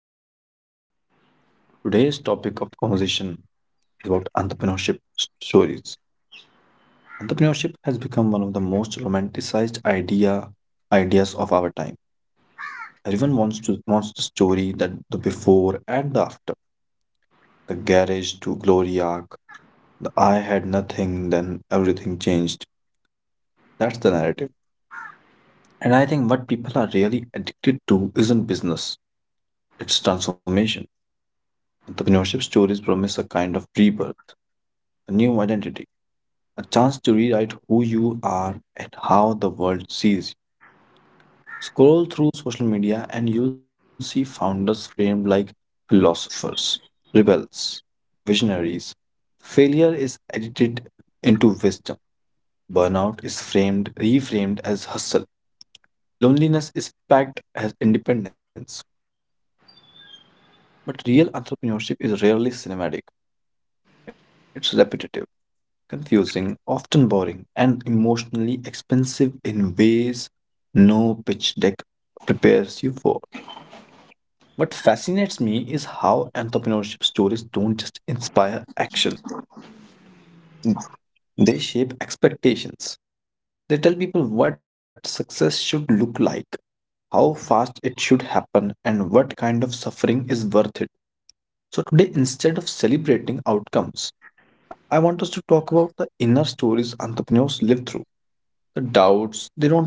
podcast. Today's topic of conversation is about entrepreneurship stories. Entrepreneurship has become one of the most romanticized ideas of our time. Everyone wants the story, that the before and the after, the garage to glory arc, the I had nothing, then everything changed. That's the narrative. And I think what people are really addicted to isn't business; it's transformation. Entrepreneurship stories promise a kind of rebirth, a new identity, a chance to rewrite who you are and how the world sees you. Scroll through social media and you'll see founders framed like philosophers, rebels, visionaries. Failure is edited into wisdom. Burnout is reframed as hustle. Loneliness is packed as independence. But real entrepreneurship is rarely cinematic. It's repetitive, confusing, often boring, and emotionally expensive in ways no pitch deck prepares you for. What fascinates me is how entrepreneurship stories don't just inspire action, they shape expectations. They tell people what success should look like, how fast it should happen, and what kind of suffering is worth it. So today, instead of celebrating outcomes, I want us to talk about the inner stories entrepreneurs live through. The doubts they don't post,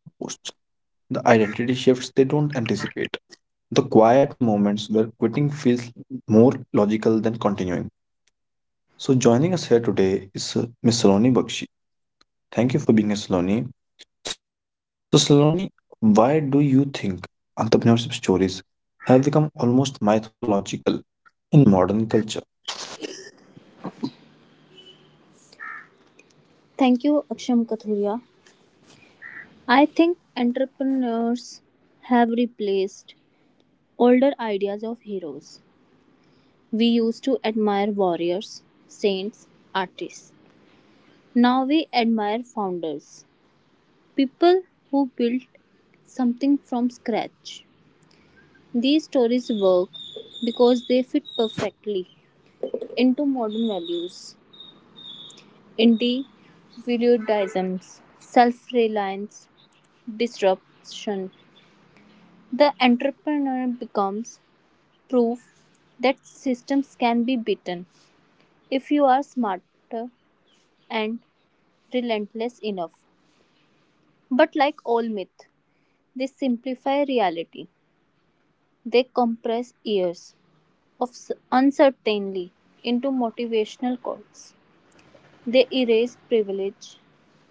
the identity shifts they don't anticipate, the quiet moments where quitting feels more logical than continuing. So, joining us here today is Miss Saloni Bakshi. Thank you for being here, Saloni. So, Saloni, why do you think entrepreneurship stories have become almost mythological in modern culture? Thank you, Aksham Kathuria. I think entrepreneurs have replaced older ideas of heroes. We used to admire warriors, saints, artists. Now we admire founders, people who built something from scratch. These stories work because they fit perfectly into modern values: individualism, self reliance, disruption. The entrepreneur becomes proof that systems can be beaten if you are smarter and relentless enough. But like all myth, they simplify reality. They compress years of uncertainty into motivational quotes. They erase privilege,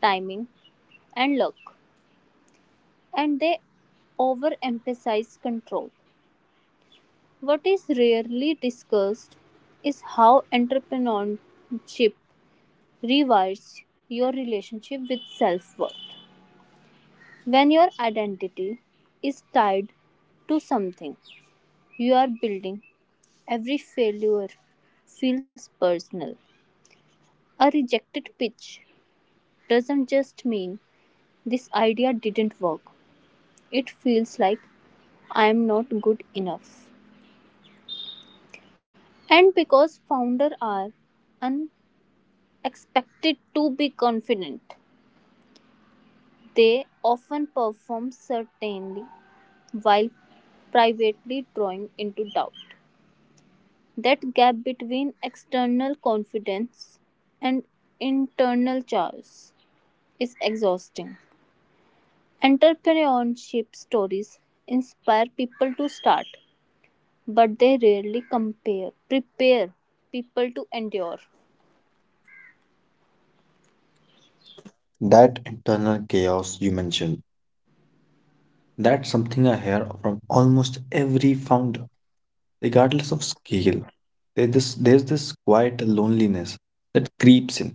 timing, and luck, and they overemphasize control. What is rarely discussed is how entrepreneurship rewires your relationship with self worth. When your identity is tied to something you are building, every failure feels personal. A rejected pitch doesn't just mean this idea didn't work, it feels like I am not good enough. And because founders are unexpected to be confident, they often perform certainly while privately drawing into doubt. That gap between external confidence and internal chaos is exhausting. Entrepreneurship stories inspire people to start, but they rarely prepare people to endure. That internal chaos you mentioned, that's something I hear from almost every founder. Regardless of scale, there's this quiet loneliness that creeps in,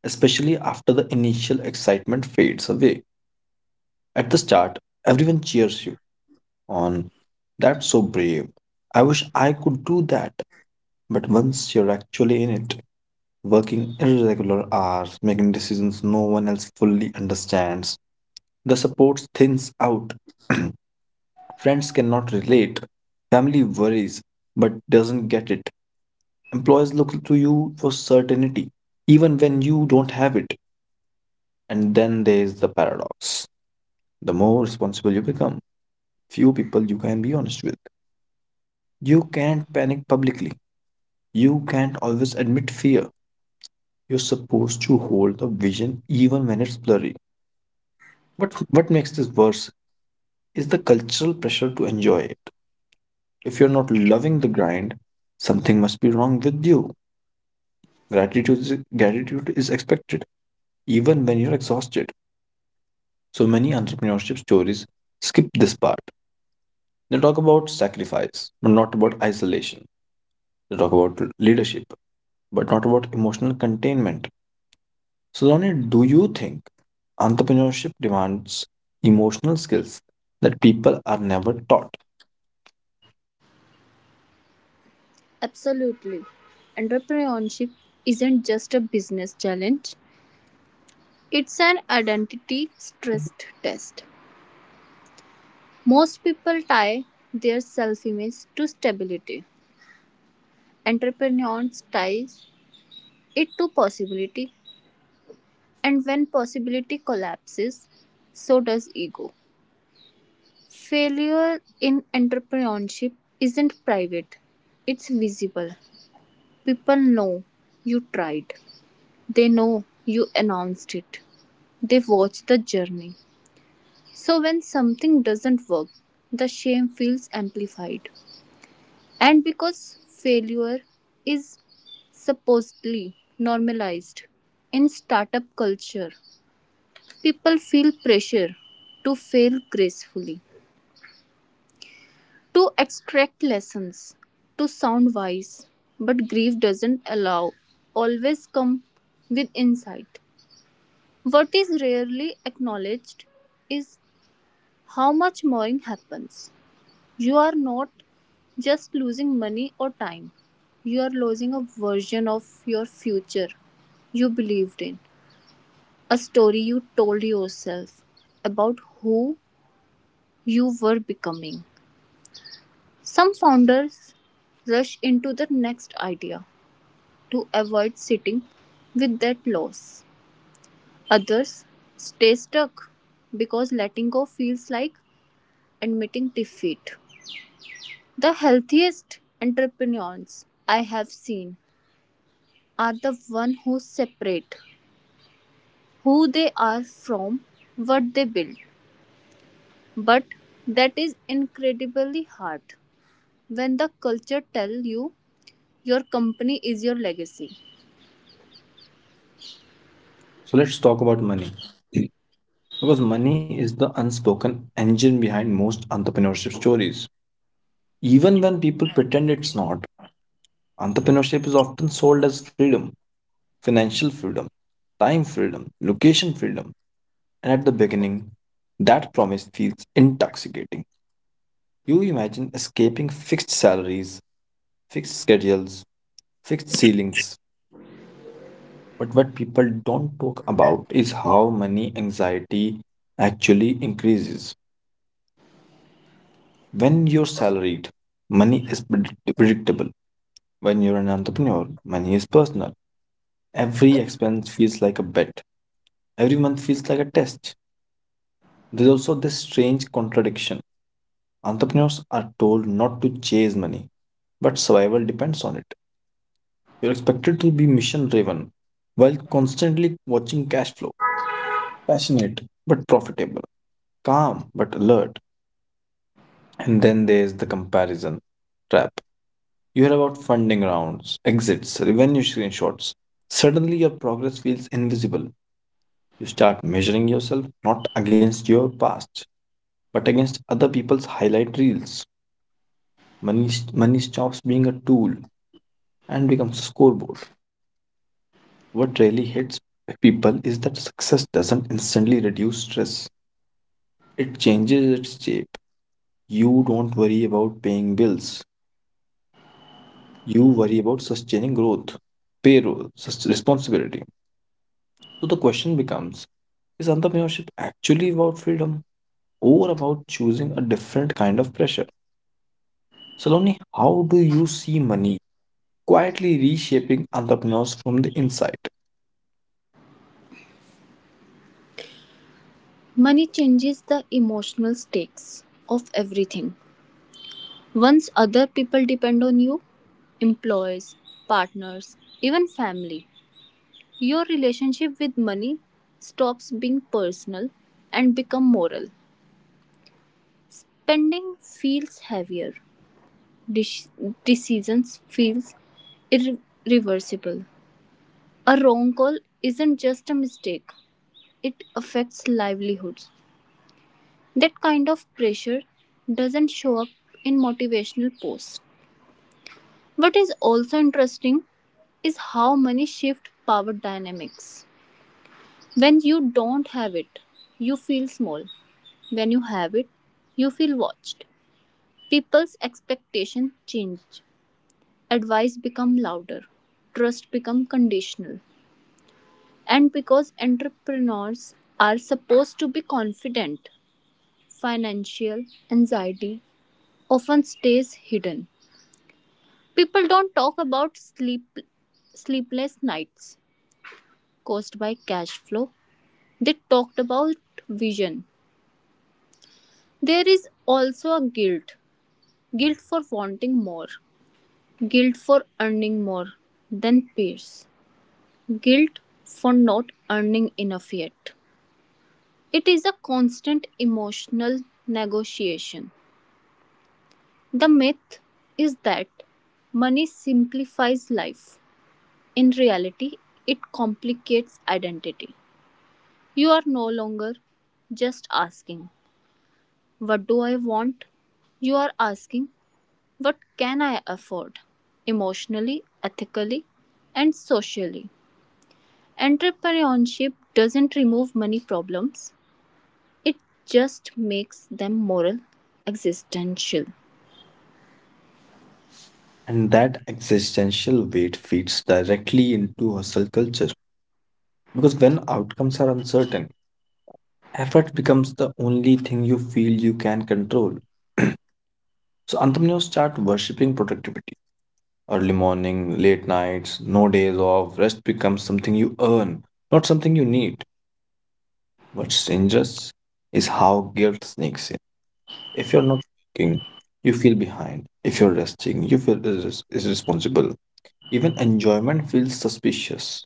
especially after the initial excitement fades away. At the start, everyone cheers you on, that's so brave. I wish I could do that. But once you're actually in it, working irregular hours, making decisions no one else fully understands, the support thins out. Friends cannot relate. Family worries but doesn't get it. Employers look to you for certainty, even when you don't have it. And then there's the paradox. The more responsible you become, few people you can be honest with. You can't panic publicly. You can't always admit fear. You're supposed to hold the vision even when it's blurry. What makes this worse is the cultural pressure to enjoy it. If you're not loving the grind, something must be wrong with you. Gratitude is expected, even when you're exhausted. So many entrepreneurship stories skip this part. They talk about sacrifice, but not about isolation. They talk about leadership, but not about emotional containment. So, Lonnie, do you think entrepreneurship demands emotional skills that people are never taught? Absolutely. Entrepreneurship isn't just a business challenge, it's an identity stress test. Most people tie their self-image to stability; entrepreneurs tie it to possibility, and when possibility collapses, so does ego. Failure in entrepreneurship isn't private, it's visible. People know you tried, they know you announced it, they watch the journey. So when something doesn't work, the shame feels amplified. And because failure is supposedly normalized in startup culture, people feel pressure to fail gracefully, to extract lessons, to sound wise, but grief doesn't allow always come with insight. What is rarely acknowledged is how much mourning happens. You are not just losing money or time. You are losing a version of your future you believed in, a story you told yourself about who you were becoming. Some founders rush into the next idea to avoid sitting with that loss. Others stay stuck because letting go feels like admitting defeat. The healthiest entrepreneurs I have seen are the one who separate who they are from what they build. But that is incredibly hard, when the culture tells you your company is your legacy. So, let's talk about money. Because money is the unspoken engine behind most entrepreneurship stories. Even when people pretend it's not, entrepreneurship is often sold as freedom: financial freedom, time freedom, location freedom, and at the beginning, that promise feels intoxicating. You imagine escaping fixed salaries, fixed schedules, fixed ceilings, but what people don't talk about is how money anxiety actually increases. When you're salaried, money is predictable. When you're an entrepreneur, money is personal. Every expense feels like a bet, every month feels like a test. There's also this strange contradiction. Entrepreneurs are told not to chase money, but survival depends on it. You're expected to be mission driven while constantly watching cash flow, passionate but profitable, calm but alert. And then there's the comparison trap. You hear about funding rounds, exits, revenue screenshots. Suddenly, your progress feels invisible. You start measuring yourself not against your past, but against other people's highlight reels. Money stops being a tool and becomes a scoreboard. What really hits people is that success doesn't instantly reduce stress, it changes its shape. You don't worry about paying bills, you worry about sustaining growth, payroll, responsibility. So the question becomes, is entrepreneurship actually about freedom or about choosing a different kind of pressure? Saloni, how do you see money quietly reshaping entrepreneurs from the inside? Money changes the emotional stakes of everything. Once other people depend on you, employees, partners, even family, your relationship with money stops being personal and become moral. Spending feels heavier. Dis- Decisions feels irreversible. A wrong call isn't just a mistake. It affects livelihoods. That kind of pressure doesn't show up in motivational posts. What is also interesting is how money shift power dynamics. When you don't have it, you feel small. When you have it, you feel watched. People's expectation change. Advice become louder. Trust become conditional. And because entrepreneurs are supposed to be confident, financial anxiety often stays hidden. People don't talk about sleepless nights caused by cash flow. They talked about vision. There is also a guilt for wanting more, guilt for earning more than peers, guilt for not earning enough yet. It is a constant emotional negotiation. The myth is that money simplifies life. In reality, it complicates identity. You are no longer just asking, what do I want? You are asking, what can I afford? Emotionally, ethically, and socially. Entrepreneurship doesn't remove money problems, it just makes them moral, existential. And that existential weight feeds directly into hustle culture. Because when outcomes are uncertain, effort becomes the only thing you feel you can control. So entrepreneurs start worshipping productivity. Early morning, late nights, no days off, rest becomes something you earn, not something you need. What's dangerous is how guilt sneaks in. If you're not working, you feel behind. If you're resting, you feel irresponsible. Even enjoyment feels suspicious,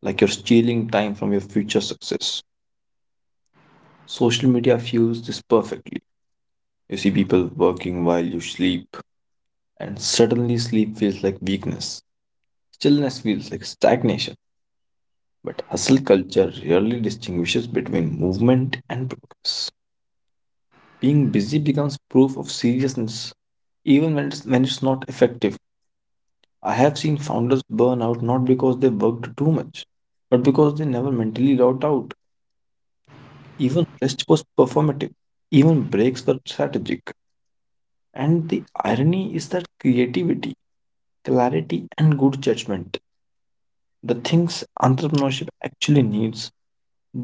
like you're stealing time from your future success. Social media fuels this perfectly. You see people working while you sleep, and suddenly sleep feels like weakness. Stillness feels like stagnation. But hustle culture rarely distinguishes between movement and progress. Being busy becomes proof of seriousness, even when it's not effective. I have seen founders burn out not because they worked too much, but because they never mentally logged out. Even rest was performative, even breaks were strategic. And the irony is that creativity, clarity, and good judgment, the things entrepreneurship actually needs,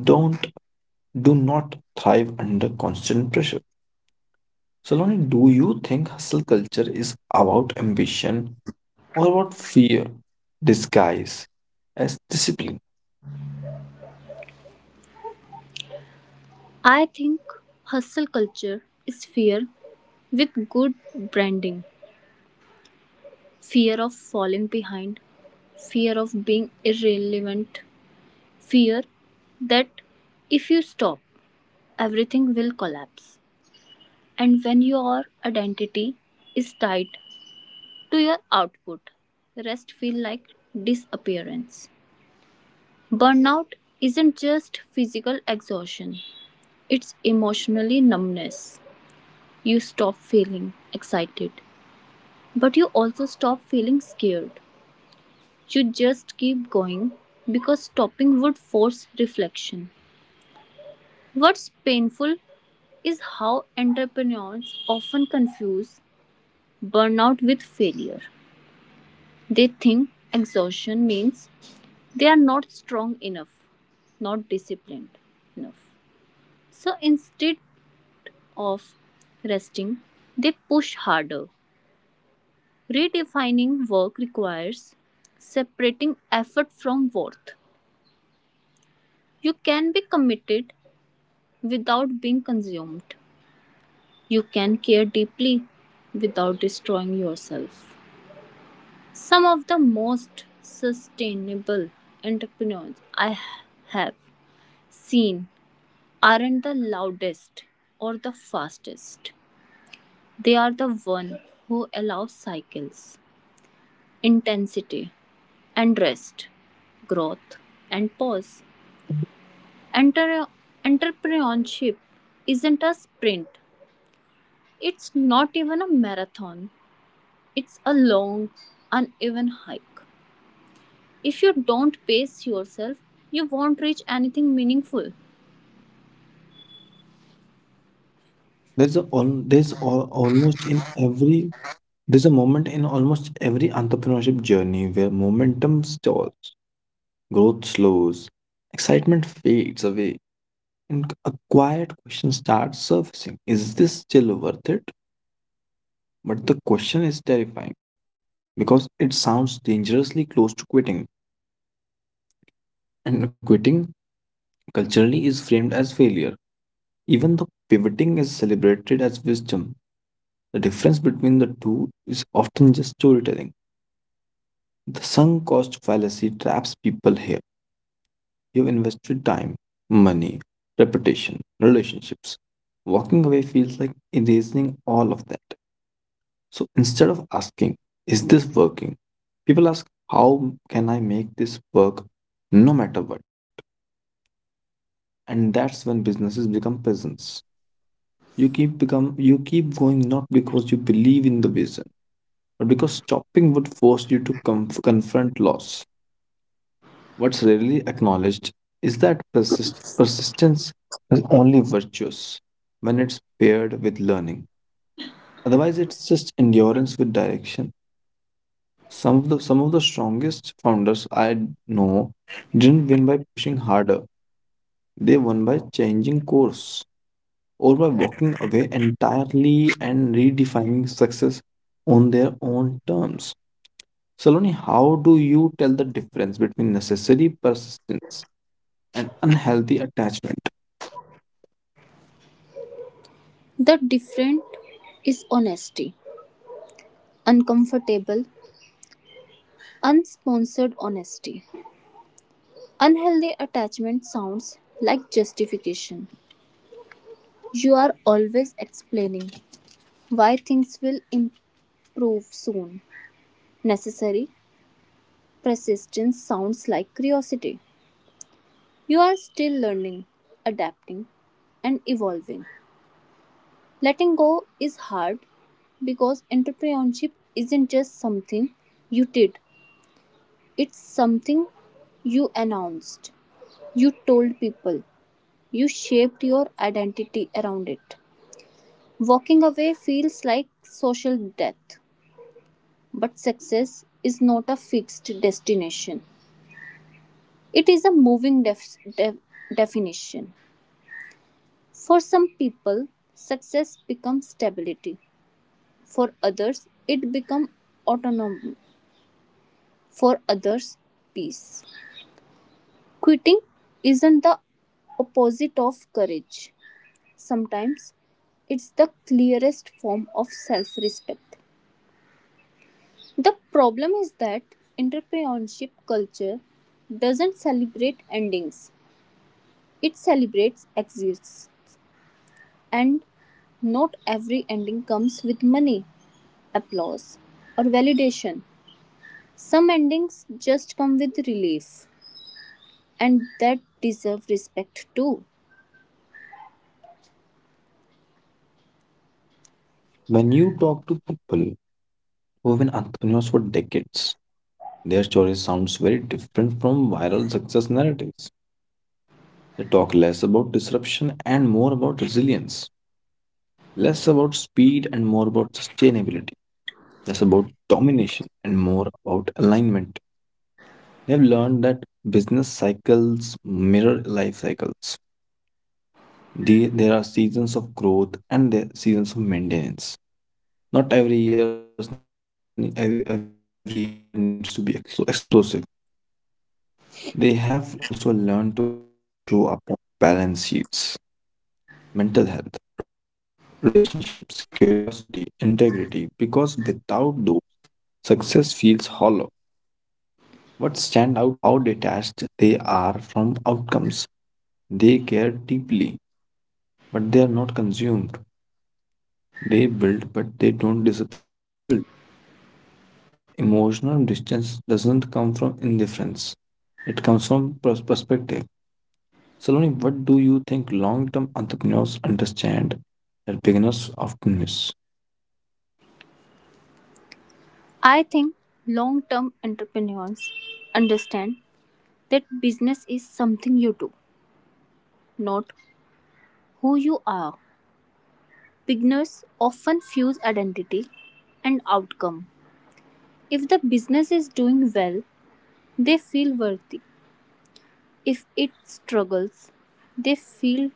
don't do not thrive under constant pressure. So, Lonnie, do you think hustle culture is about ambition or about fear disguise as discipline? I think hustle culture is fear with good branding: fear of falling behind, fear of being irrelevant, fear that if you stop, everything will collapse. And when your identity is tied to your output, rest feel like disappearance. Burnout isn't just physical exhaustion, it's emotionally numbness. You stop feeling excited, but you also stop feeling scared. You just keep going because stopping would force reflection. What's painful is how entrepreneurs often confuse burnout with failure. They think exhaustion means they are not strong enough, not disciplined enough. So instead of resting, they push harder. Redefining work requires separating effort from worth. You can be committed without being consumed. You can care deeply without destroying yourself. Some of the most sustainable entrepreneurs I have seen aren't the loudest or the fastest. They are the one who allow cycles, intensity and rest, growth and pause. Enter- Entrepreneurship isn't a sprint. It's not even a marathon. It's a long, uneven hike. If you don't pace yourself, you won't reach anything meaningful. There's a, al- there's al- almost in every there's a moment in almost every entrepreneurship journey where momentum stalls. Growth slows, excitement fades away, and a quiet question starts surfacing: is this still worth it? But the question is terrifying because it sounds dangerously close to quitting, and quitting culturally is framed as failure. Even though pivoting is celebrated as wisdom, the difference between the two is often just storytelling. The sunk cost fallacy traps people here. You've invested time, money, reputation, relationships. Walking away feels like erasing all of that. So instead of asking, is this working? People ask, how can I make this work no matter what? And that's when businesses become prisons. You keep going not because you believe in the vision, but because stopping would force you to confront loss. What's rarely acknowledged is that persistence is only virtuous when it's paired with learning. Otherwise, it's just endurance with direction. Some of the strongest founders I know didn't win by pushing harder. They won by changing course or by walking away entirely and redefining success on their own terms. Saloni, how do you tell the difference between necessary persistence and unhealthy attachment? The different is honesty. Uncomfortable, unsponsored honesty. Unhealthy attachment sounds like justification. You are always explaining why things will improve soon. Necessary persistence sounds like curiosity. You are still learning, adapting, and evolving. Letting go is hard because entrepreneurship isn't just something you did, it's something you announced, you told people, you shaped your identity around it. Walking away feels like social death, but success is not a fixed destination, it is a moving definition. For some people, success becomes stability, for others, it becomes autonomy. For others, peace. Quitting isn't the opposite of courage. Sometimes it's the clearest form of self respect. The problem is that entrepreneurship culture doesn't celebrate endings, it celebrates exits. And not every ending comes with money, applause, or validation. Some endings just come with relief, and that deserve respect too. When you talk to people who have been entrepreneurs for decades, their story sounds very different from viral success narratives. They talk less about disruption and more about resilience, less about speed and more about sustainability, less about domination and more about alignment. They have learned that business cycles mirror life cycles. There are seasons of growth and there seasons of maintenance. Not every year Every year needs to be explosive. They have also learned to protect things that don't show up on balance sheets: mental health, relationships, curiosity, integrity, because without those, success feels hollow. What stand out most is how detached they are from outcomes. They care deeply, but they are not consumed. They build, but they don't disappear into the build. Emotional distance doesn't come from indifference, it comes from perspective. Saloni, what do you think long term entrepreneurs understand that beginners often miss? I think long term entrepreneurs understand that business is something you do, not who you are. Beginners often fuse identity and outcome. If the business is doing well, they feel worthy. If it struggles, they feel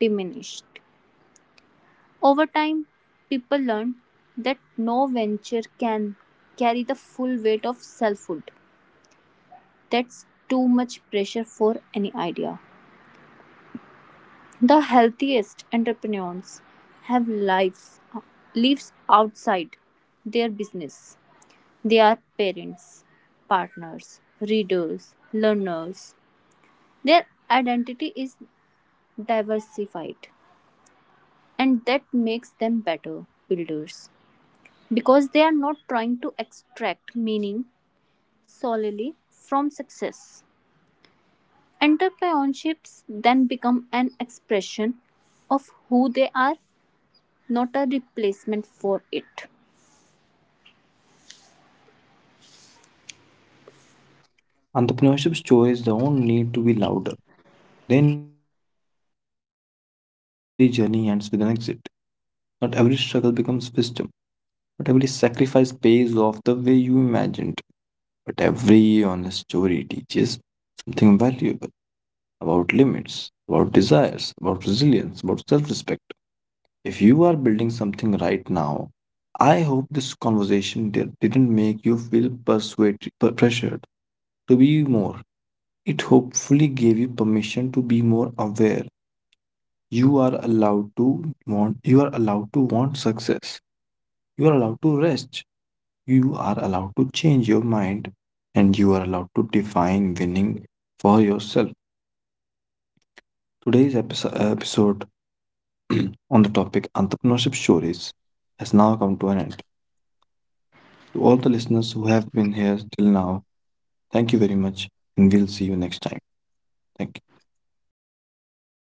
diminished. Over time, people learn that no venture can carry the full weight of selfhood. That's too much pressure for any idea. The healthiest entrepreneurs have lives outside their business. They are parents, partners, readers, learners. Their identity is diversified and that makes them better builders because they are not trying to extract meaning solely from success. Entrepreneurships then become an expression of who they are, not a replacement for it. Entrepreneurship stories don't need to be louder, they need to be truer. Not every journey ends with an exit, not every struggle becomes wisdom, not every sacrifice pays off the way you imagined, but every honest story teaches something valuable about limits, about desires, about resilience, about self respect. If you are building something right now, I hope this conversation didn't make you feel persuaded, pressured to be more. It hopefully gave you permission to be more aware. You are allowed to want success. You are allowed to rest. You are allowed to change your mind and you are allowed to define winning for yourself. Episode on the topic entrepreneurship stories has now come to an end. To all the listeners who have been here till now, thank you very much, and we'll see you next time. Thank you.